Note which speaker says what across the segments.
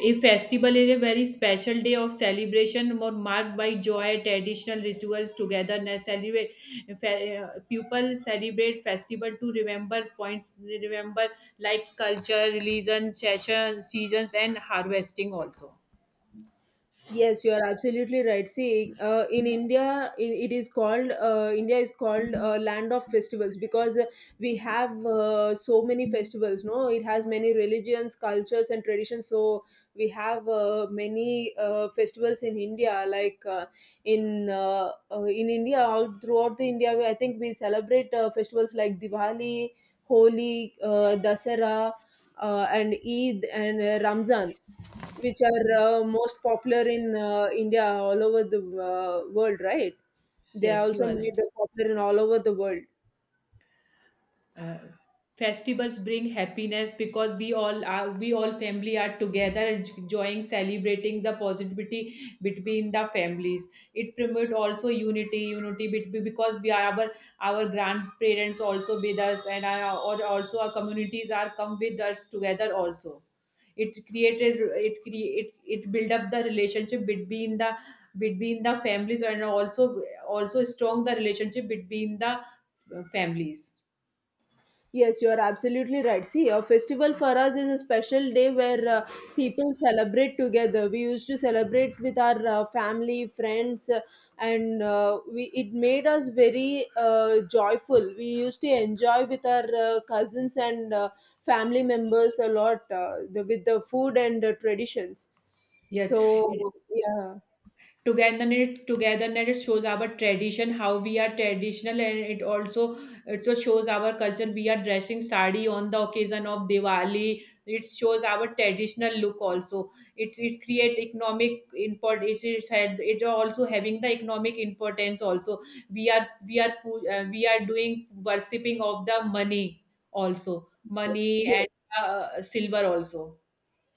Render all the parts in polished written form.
Speaker 1: A festival is a very special day of celebration, more marked by joy, traditional rituals, togetherness. People celebrate festival to remember points, remember like culture, religion, session, seasons, and harvesting also.
Speaker 2: Yes, you are absolutely right. See, in India, I it is called India is called land of festivals because we have so many festivals. No, it has many religions, cultures, and traditions. So we have many festivals in India. Like in India, all throughout the India, I think we celebrate festivals like Diwali, Holi, Dasara, and Eid and Ramzan which are most popular in India, all over the world, right? They are
Speaker 1: Yes, you
Speaker 2: also
Speaker 1: are right.
Speaker 2: made popular in all over the world.
Speaker 1: uh, Festivals bring happiness because we all family are together enjoying celebrating the positivity between the families, it promote also unity between, because we are our grandparents also with us, and our, or also our communities are come with us together also. It it build up the relationship between the families, and also also strong the relationship between the families.
Speaker 2: Yes, you are absolutely right. See, a festival for us is a special day where people celebrate together. We used to celebrate with our family, friends, and we it made us very joyful. We used to enjoy with our cousins and family members a lot, with the food and traditions.
Speaker 1: Yeah, it,
Speaker 2: So yeah,
Speaker 1: togetherness shows our tradition, how we are traditional, and it also shows our culture. We are dressing sari on the occasion of Diwali. It shows our traditional look also. It create economic import. It's also having the economic importance also. We are doing worshipping of the money, also money, and
Speaker 2: yes,
Speaker 1: silver also.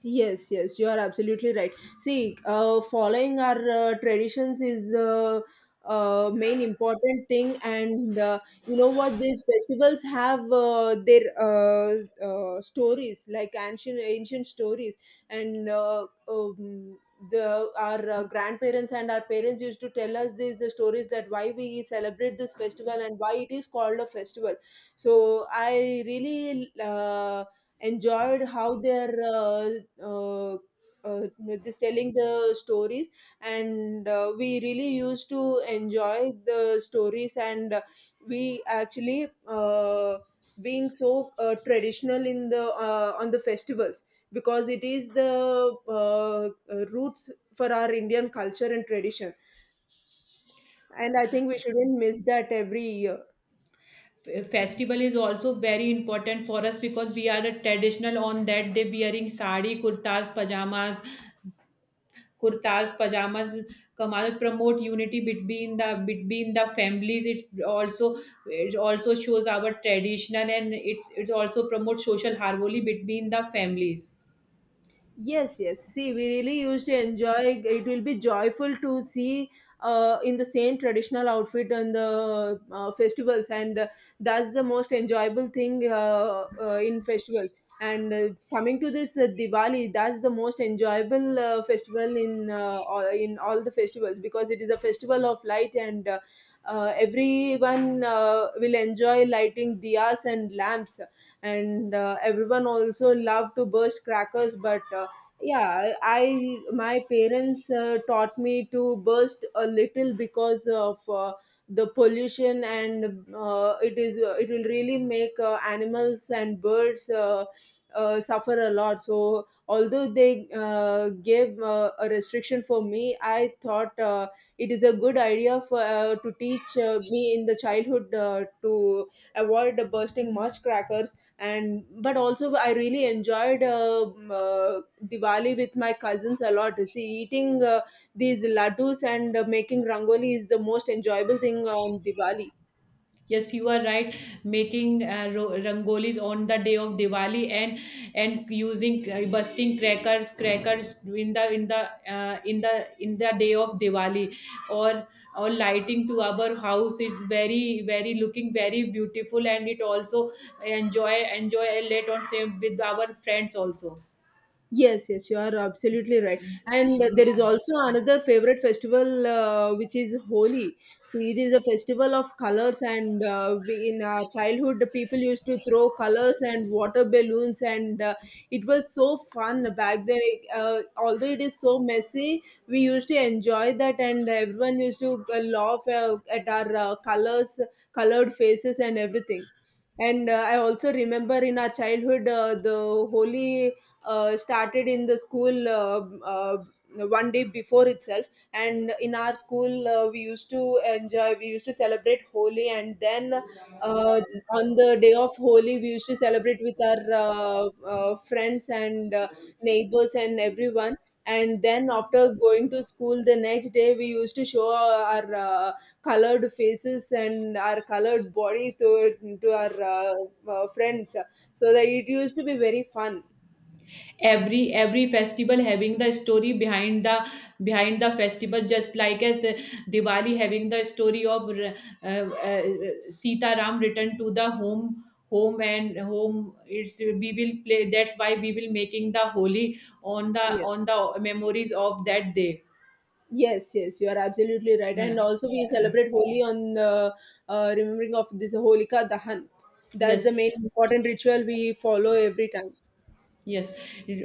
Speaker 2: yes, yes, you are absolutely right. See, following our traditions is main important thing, and you know what? These festivals have their stories, like ancient stories, and the our grandparents and our parents used to tell us these stories that why we celebrate this festival and why it is called a festival. So I really enjoyed how their uh, uh, this telling the stories, and we really used to enjoy the stories, and we actually being so traditional in the on the festivals, because it is the roots for our Indian culture and tradition, and I think we shouldn't miss that every year.
Speaker 1: Festival is also very important for us because we are a traditional on that day wearing sari, kurtas, pajamas, kurtas pajamas, kamal promote unity between the families. It also it also shows our traditional, and it's it also promotes social harmony between the families.
Speaker 2: Yes, yes. See, we really used to enjoy. It will be joyful to see in the same traditional outfit on the festivals, and that's the most enjoyable thing in festivals. And coming to this Diwali, that's the most enjoyable festival in in all the festivals, because it is a festival of light, and everyone will enjoy lighting diyas and lamps, and everyone also love to burst crackers, but yeah, I my parents taught me to burst a little because of the pollution, and it will really make animals and birds suffer a lot. So although they gave a restriction for me, I thought it is a good idea for to teach me in the childhood to avoid bursting much crackers. And but also, I really enjoyed Diwali with my cousins a lot. You see, eating these laddus and making rangoli is the most enjoyable thing on Diwali.
Speaker 1: Yes, you are right. Making rangolis on the day of Diwali, and using crackers in the in the in the day of Diwali, or or lighting to our house is very very looking very beautiful, and it also enjoy a late on same with our friends also.
Speaker 2: Yes, yes, you are absolutely right. And there
Speaker 1: Yeah.
Speaker 2: is also another favorite festival which is Holi. It is a festival of colors, and in our childhood, the people used to throw colors and water balloons, and it was so fun back then. Although it is so messy, we used to enjoy that, and everyone used to laugh at our colored faces, and everything. And I also remember in our childhood, the Holi started in the school one day before itself, and in our school we used to celebrate Holi, and then on the day of Holi we used to celebrate with our uh, friends and neighbors and everyone. And then after going to school the next day, we used to show our colored faces and our colored body to our friends, so that it used to be very fun.
Speaker 1: Every festival having the story behind the festival, just like as the Diwali having the story of Sita Ram returned to the home, home and home it's we will play, that's why we will making the Holi
Speaker 2: Yes,
Speaker 1: on the memories of that day.
Speaker 2: yes, yes, you are absolutely right.
Speaker 1: Uh,
Speaker 2: And also, we
Speaker 1: uh,
Speaker 2: celebrate Holi on the remembering of this Holika Dahan. That's the
Speaker 1: yes.
Speaker 2: main important ritual we follow every time.
Speaker 1: Yes, it-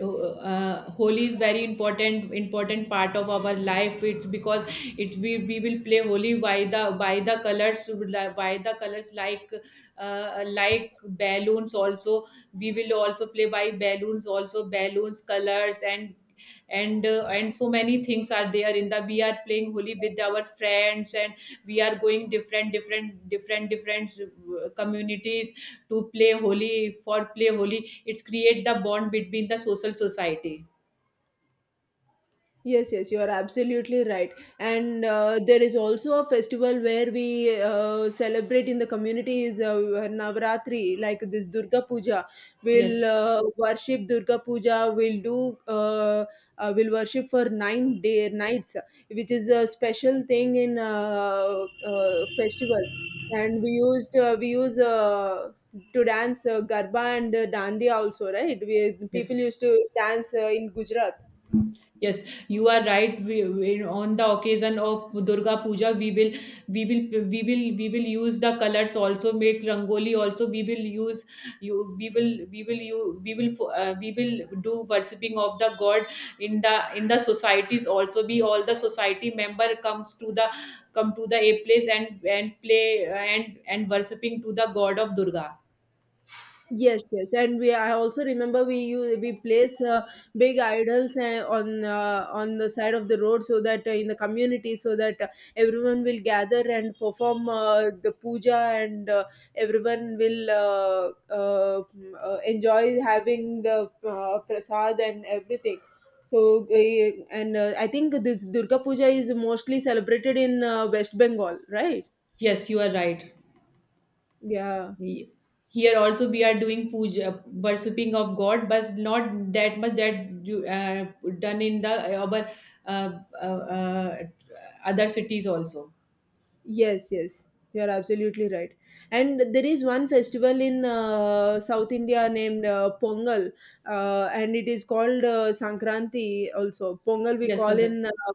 Speaker 1: uh, Holi is very important part of our life. It's because it we will play Holi by the colors, by the colors like balloons also. We will also play by balloons also, balloons, colors, and so many things are there in the, we are playing Holi with our friends, and we are going different communities to play holy, for play holy, it's create the bond between the social society.
Speaker 2: Yes, yes, you are absolutely right. And there is also a festival where we celebrate in the community, is Navratri, like this Durga Puja. We'll
Speaker 1: yes
Speaker 2: worship Durga Puja. We'll worship for 9 day nights, which is a special thing in festival. And we use to dance garba and dandiya also, right? We people
Speaker 1: yes
Speaker 2: used to dance in Gujarat.
Speaker 1: yes, you are right. We, on the occasion of Durga Puja, we will we will use the colors, also make rangoli, also we will use, you we will you we will fo- we will do worshipping of the god in the societies also, be all the society member comes to the come to the a place, and play, and worshipping to the god of Durga.
Speaker 2: Yes, yes, and we. I also remember we place big idols on the side of the road, so that in the community, so that everyone will gather and perform the puja, and everyone will enjoy having the prasad and everything. So and I think this Durga Puja is mostly celebrated in West Bengal, right?
Speaker 1: Yes, you are right.
Speaker 2: Yeah.
Speaker 1: Ye- Here also we are doing puja, worshipping of God, but not that much that you, done in the our uh, uh, uh, other cities also.
Speaker 2: Yes, yes, you are absolutely right. And there is one festival in South India named Pongal, and it is called Sankranti also. Pongal we
Speaker 1: Yes,
Speaker 2: call
Speaker 1: Sangal.
Speaker 2: in uh,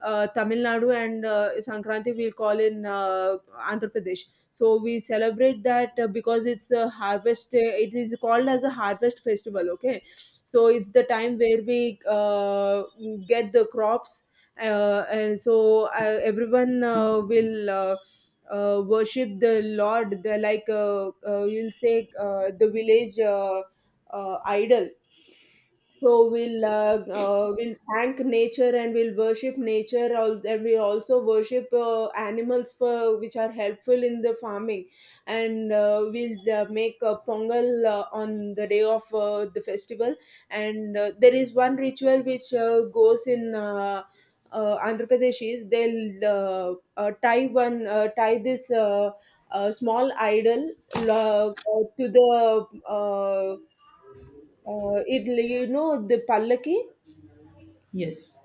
Speaker 2: uh, Tamil Nadu, and Sankranti we call in Andhra Pradesh. So we celebrate that because it's it is called as a harvest festival, okay? So it's the time where we get the crops, and so everyone will worship the Lord. They're like we'll say the village idol. So we'll thank nature and we'll worship nature. And we also worship animals for which are helpful in the farming. And we'll make a pongal on the day of the festival. And there is one ritual which goes in. Andhra Pradesh, is they'll uh, tie this small idol to the uh, it, the pallaki.
Speaker 1: Yes,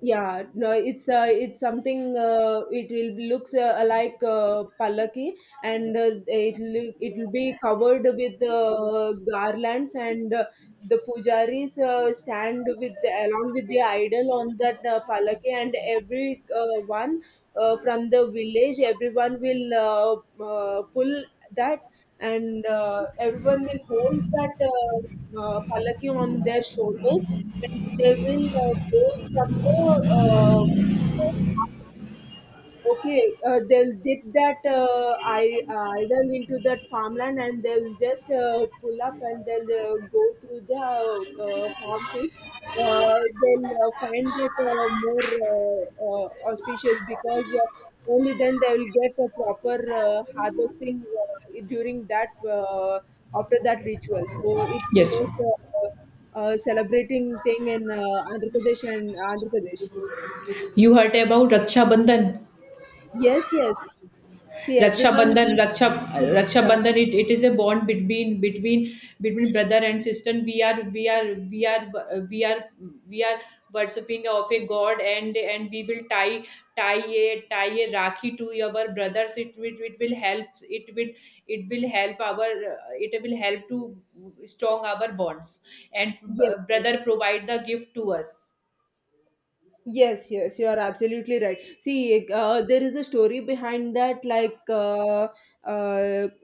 Speaker 2: Yeah, no, it's something. It looks like pallaki, and it will be covered with garlands, and the pujaris stand along with the idol on that pallaki, and every one from the village, everyone will pull that, and everyone will hold that palaki on their shoulders, and they will go from the uh, okay, they'll dip that idol into that farmland, and they'll just pull up, and they'll go through the farm field. They'll find it more auspicious, because only then they will get a proper harvesting during that after that ritual. So it's the
Speaker 1: yes.
Speaker 2: most celebrating thing in Andhra Pradesh and Andhra Pradesh.
Speaker 1: You heard about Raksha Bandhan?
Speaker 2: Yes, yes. See, everyone
Speaker 1: Rakshabandhan,
Speaker 2: will
Speaker 1: Raksha,
Speaker 2: follow that,
Speaker 1: Rakshabandhan. It is a bond between brother and sister. We are we are worshipping of a god, and we will tie tie a rakhi to our brothers. It will help. It will help our it will help to strong our bonds. And
Speaker 2: yes, yes.
Speaker 1: brother provide the gift to us.
Speaker 2: Yes, yes, you are absolutely right. See, there is a story behind that. Like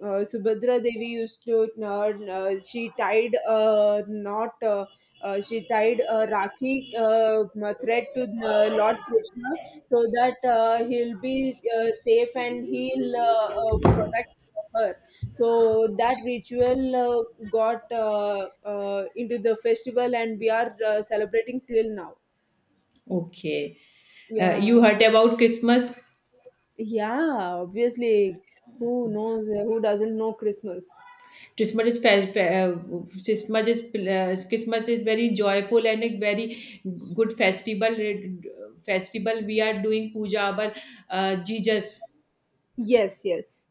Speaker 2: uh, Subhadra Devi she tied a knot. She tied a Rakhi thread to Lord Krishna, so that he'll be safe and he'll protect her. So that ritual got into the festival, and we are celebrating till now.
Speaker 1: Okay,
Speaker 2: Yeah,
Speaker 1: you heard about Christmas.
Speaker 2: Yeah, obviously, who doesn't know Christmas?
Speaker 1: Christmas is fe- fe- Christmas is Christmas is very joyful and a very good festival. Festival we are doing puja our Jesus.
Speaker 2: Yes, yes.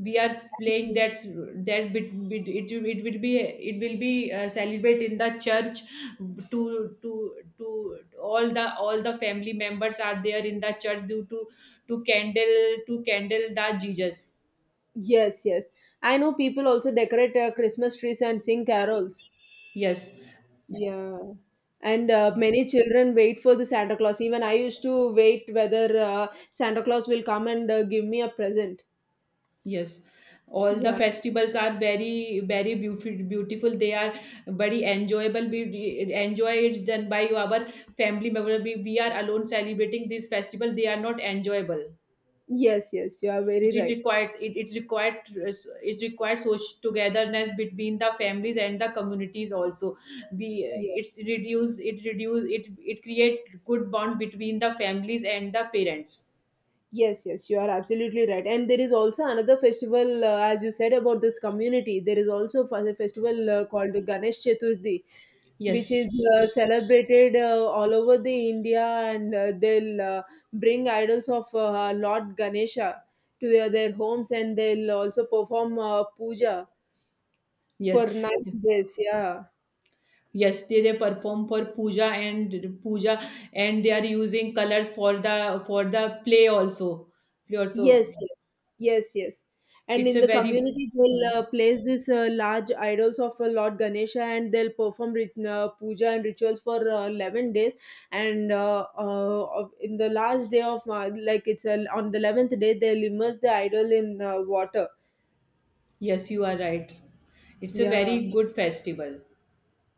Speaker 1: We are playing, that's bit, bit it, it will be celebrate in the church, to to to all the family members are there in the church due to candle the Jesus.
Speaker 2: Yes, yes. I know people also decorate Christmas trees and sing carols.
Speaker 1: Yes.
Speaker 2: Yeah. And many children wait for the Santa Claus. Even I used to wait whether Santa Claus will come and give me a present.
Speaker 1: Yes, all the
Speaker 2: Yeah.
Speaker 1: festivals are very, very beautiful. Beautiful, they are very enjoyable. We enjoy it done by our family member. We are alone celebrating this festival, they are not enjoyable.
Speaker 2: Yes, yes, you are very
Speaker 1: It
Speaker 2: right.
Speaker 1: requires it, it required it requires social togetherness between the families and the communities also. We, it's reduce it it create good bond between the families and the parents.
Speaker 2: Yes, yes, you are absolutely right. And there is also another festival, as you said about this community. There is also a festival called Ganesh Chaturthi, which
Speaker 1: Yes,
Speaker 2: is celebrated all over the India, and they'll bring idols of Lord Ganesha to their homes, and they'll also perform puja for
Speaker 1: yes.
Speaker 2: 9 days. Yeah.
Speaker 1: Yes, they perform for puja and puja, and they are using colors for the play also. Play
Speaker 2: Yes,
Speaker 1: also,
Speaker 2: yes, yes, yes. And
Speaker 1: it's
Speaker 2: in
Speaker 1: a
Speaker 2: the
Speaker 1: very
Speaker 2: community, they'll
Speaker 1: Hmm.
Speaker 2: place these large idols of Lord Ganesha, and they'll perform puja and rituals for 11 days. And in the last day of, like it's on the 11th day, they'll immerse the idol in water.
Speaker 1: Yes, you are right. It's a
Speaker 2: Yeah.
Speaker 1: very good festival.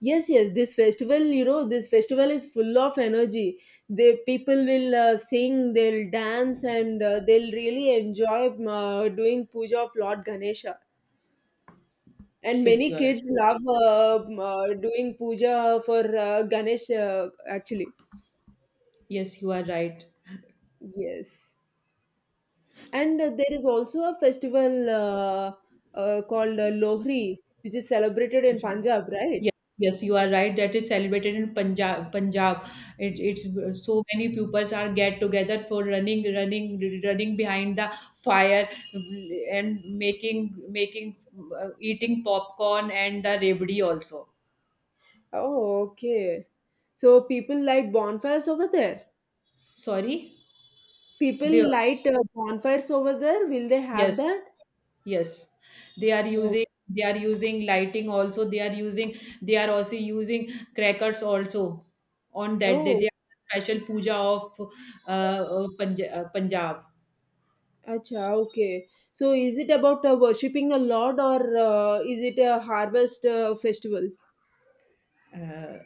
Speaker 2: Yes, yes. This festival is full of energy. The people will sing, they'll dance, and they'll really enjoy doing puja of Lord Ganesha. And
Speaker 1: Yes,
Speaker 2: many
Speaker 1: you are right.
Speaker 2: kids love doing puja for Ganesh, actually.
Speaker 1: Yes, you are right.
Speaker 2: Yes. And there is also a festival called Lohri, which is celebrated in Punjab, right?
Speaker 1: Yes, yes, you are right. That is celebrated in Punjab. Punjab, it, it's so many pupils are get together for running behind the fire, and making making eating popcorn and the rabdi also.
Speaker 2: Oh, okay. So people light bonfires over there.
Speaker 1: Sorry, they.
Speaker 2: People light bonfires over there. Will they have
Speaker 1: Yes,
Speaker 2: that?
Speaker 1: yes, they are
Speaker 2: Okay.
Speaker 1: using they are using lighting also. They are using, they are also using crackers also on that day.
Speaker 2: Oh,
Speaker 1: They are special puja of Punjab.
Speaker 2: acha, okay. So is it about worshipping a Lord, or is it a harvest festival?
Speaker 1: uh,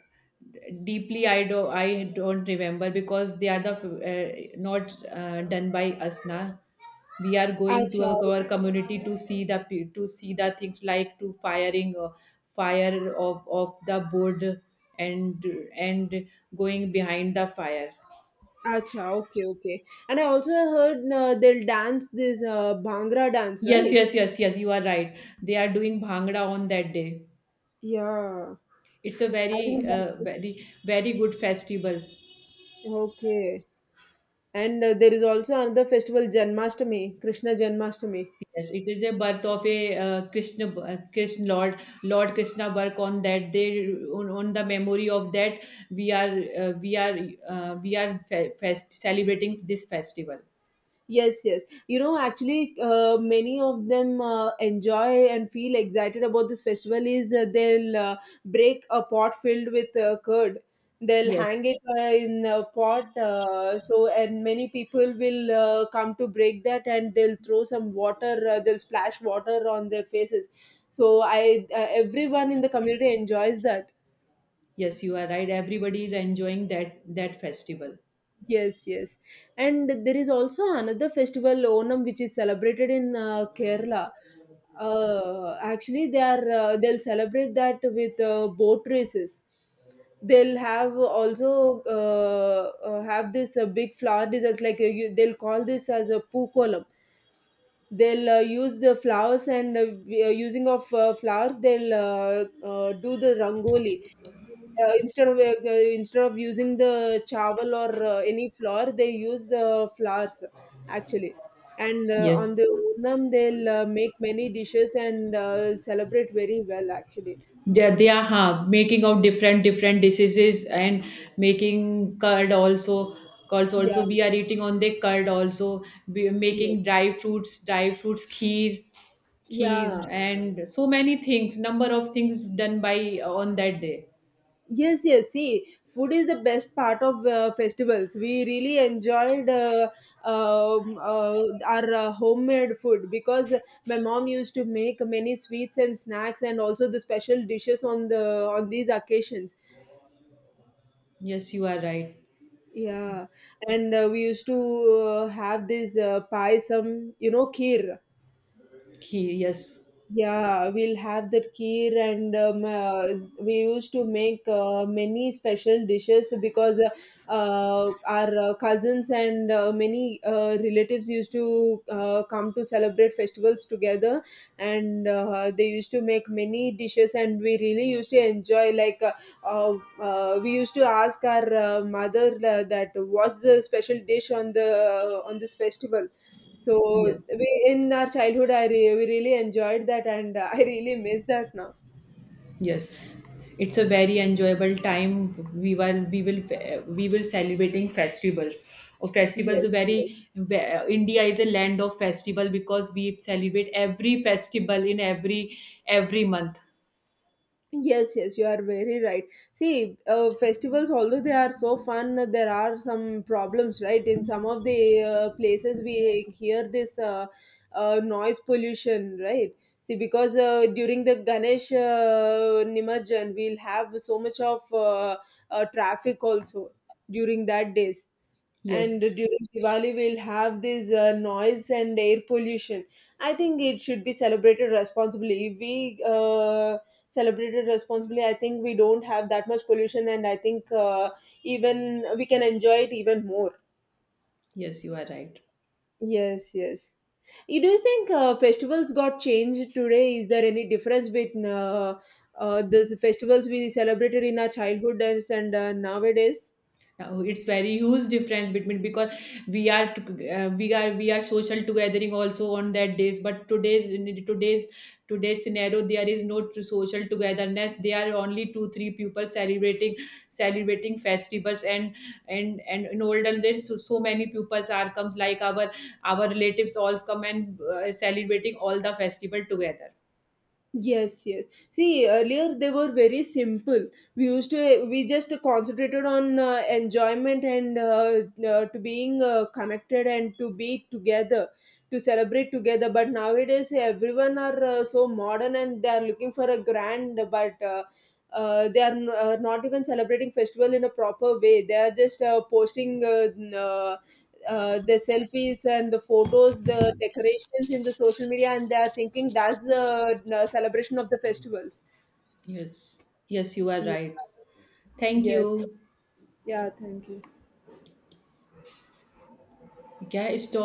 Speaker 1: Deeply I don't remember because they are the not done by us na, we are going to
Speaker 2: Acha,
Speaker 1: our community to see the to see the things like to firing fire of the board, and and going behind the fire.
Speaker 2: Okay, okay. And I also heard they'll dance this Bhangra dance, right?
Speaker 1: Yes, you are right. They are doing bhangra on that day.
Speaker 2: Yeah.
Speaker 1: It's a
Speaker 2: I
Speaker 1: very
Speaker 2: think that,
Speaker 1: very very good festival.
Speaker 2: okay. And there is also another festival, Janmashtami, Krishna Janmashtami.
Speaker 1: Yes, it is a birth of a Lord Krishna birth on that day. On the memory of that, we are uh, we are we are celebrating this festival.
Speaker 2: Yes, yes. Many of them enjoy and feel excited about this festival. Is they'll break a pot filled with curd. They'll
Speaker 1: Yes,
Speaker 2: hang it in a pot. So, and many people will come to break that, and they'll throw some water. They'll splash water on their faces. So, I everyone in the community enjoys that.
Speaker 1: yes, you are right. Everybody is enjoying that festival.
Speaker 2: Yes, yes. And there is also another festival, Onam, which is celebrated in Kerala. Actually, they are they'll celebrate that with boat races. They'll have this big flower designs like they'll call this as a pookolam. They'll use the flowers and using of flowers, they'll do the rangoli instead of using the chawal or any flour, they use the flowers actually. And on
Speaker 1: Yes,
Speaker 2: the Onam, they'll make many dishes and celebrate very well actually.
Speaker 1: they are huh, making out different dishes and making curd also. Curds
Speaker 2: Yeah,
Speaker 1: also we are eating on the curd also. We are
Speaker 2: yes,
Speaker 1: making dry fruits kheer,
Speaker 2: yeah,
Speaker 1: and so many things, number of things done by on that day.
Speaker 2: yes, yes. See, food is the best part of festivals. We really enjoyed our homemade food because my mom used to make many sweets and snacks and also the special dishes on these occasions.
Speaker 1: Yes, you are right.
Speaker 2: Yeah, and we used to have this payasam, you know, kheer.
Speaker 1: Kheer, yes.
Speaker 2: Yeah, we'll have that kheer and we used to make many special dishes because our cousins and many relatives used to come to celebrate festivals together and they used to make many dishes and we really used to enjoy uh, we used to ask our mother that what's the special dish on the on this festival. So
Speaker 1: Yes,
Speaker 2: we in our childhood, we really enjoyed that, and I really miss that now.
Speaker 1: yes, it's a very enjoyable time. we will we will we will celebrating festivals, or festivals
Speaker 2: Yes.
Speaker 1: are
Speaker 2: Yes.
Speaker 1: very ve- India is a land of festival because we celebrate every festival in every month.
Speaker 2: Yes, yes, you are very right. See, festivals, although they are so fun, there are some problems, right? In some of the places, we hear this noise pollution, right? See, because during the Ganesh Nimarjan, we'll have so much of traffic also during that days.
Speaker 1: Yes,
Speaker 2: And during Diwali we'll have this noise and air pollution. I think it should be celebrated responsibly. If we celebrate it responsibly, I think we don't have that much pollution, and I think even we can enjoy it even more.
Speaker 1: yes, you are right.
Speaker 2: Yes, yes. You do think festivals got changed today? Is there any difference between the festivals we celebrated in our childhood days and nowadays?
Speaker 1: Now, it's very huge difference between, because we are t- we are social togethering also on that days, but today's in today's scenario there is no social togetherness, there are only two three people celebrating festivals, and in olden days, so, so many peoples are comes like our relatives all come and celebrating all the festival together.
Speaker 2: Yes, yes. See, earlier they were very simple. We used to we just concentrated on enjoyment and to being connected and to be together, to celebrate together. But nowadays, everyone are so modern and they are looking for a grand, but not even celebrating festival in a proper way. They are just posting the selfies and the photos, the decorations in the social media, and they are thinking that's the celebration of the festivals.
Speaker 1: yes yes you are
Speaker 2: Yeah.
Speaker 1: right. Thank
Speaker 2: Yes.
Speaker 1: you.
Speaker 2: Yeah. Thank you.
Speaker 1: क्या stop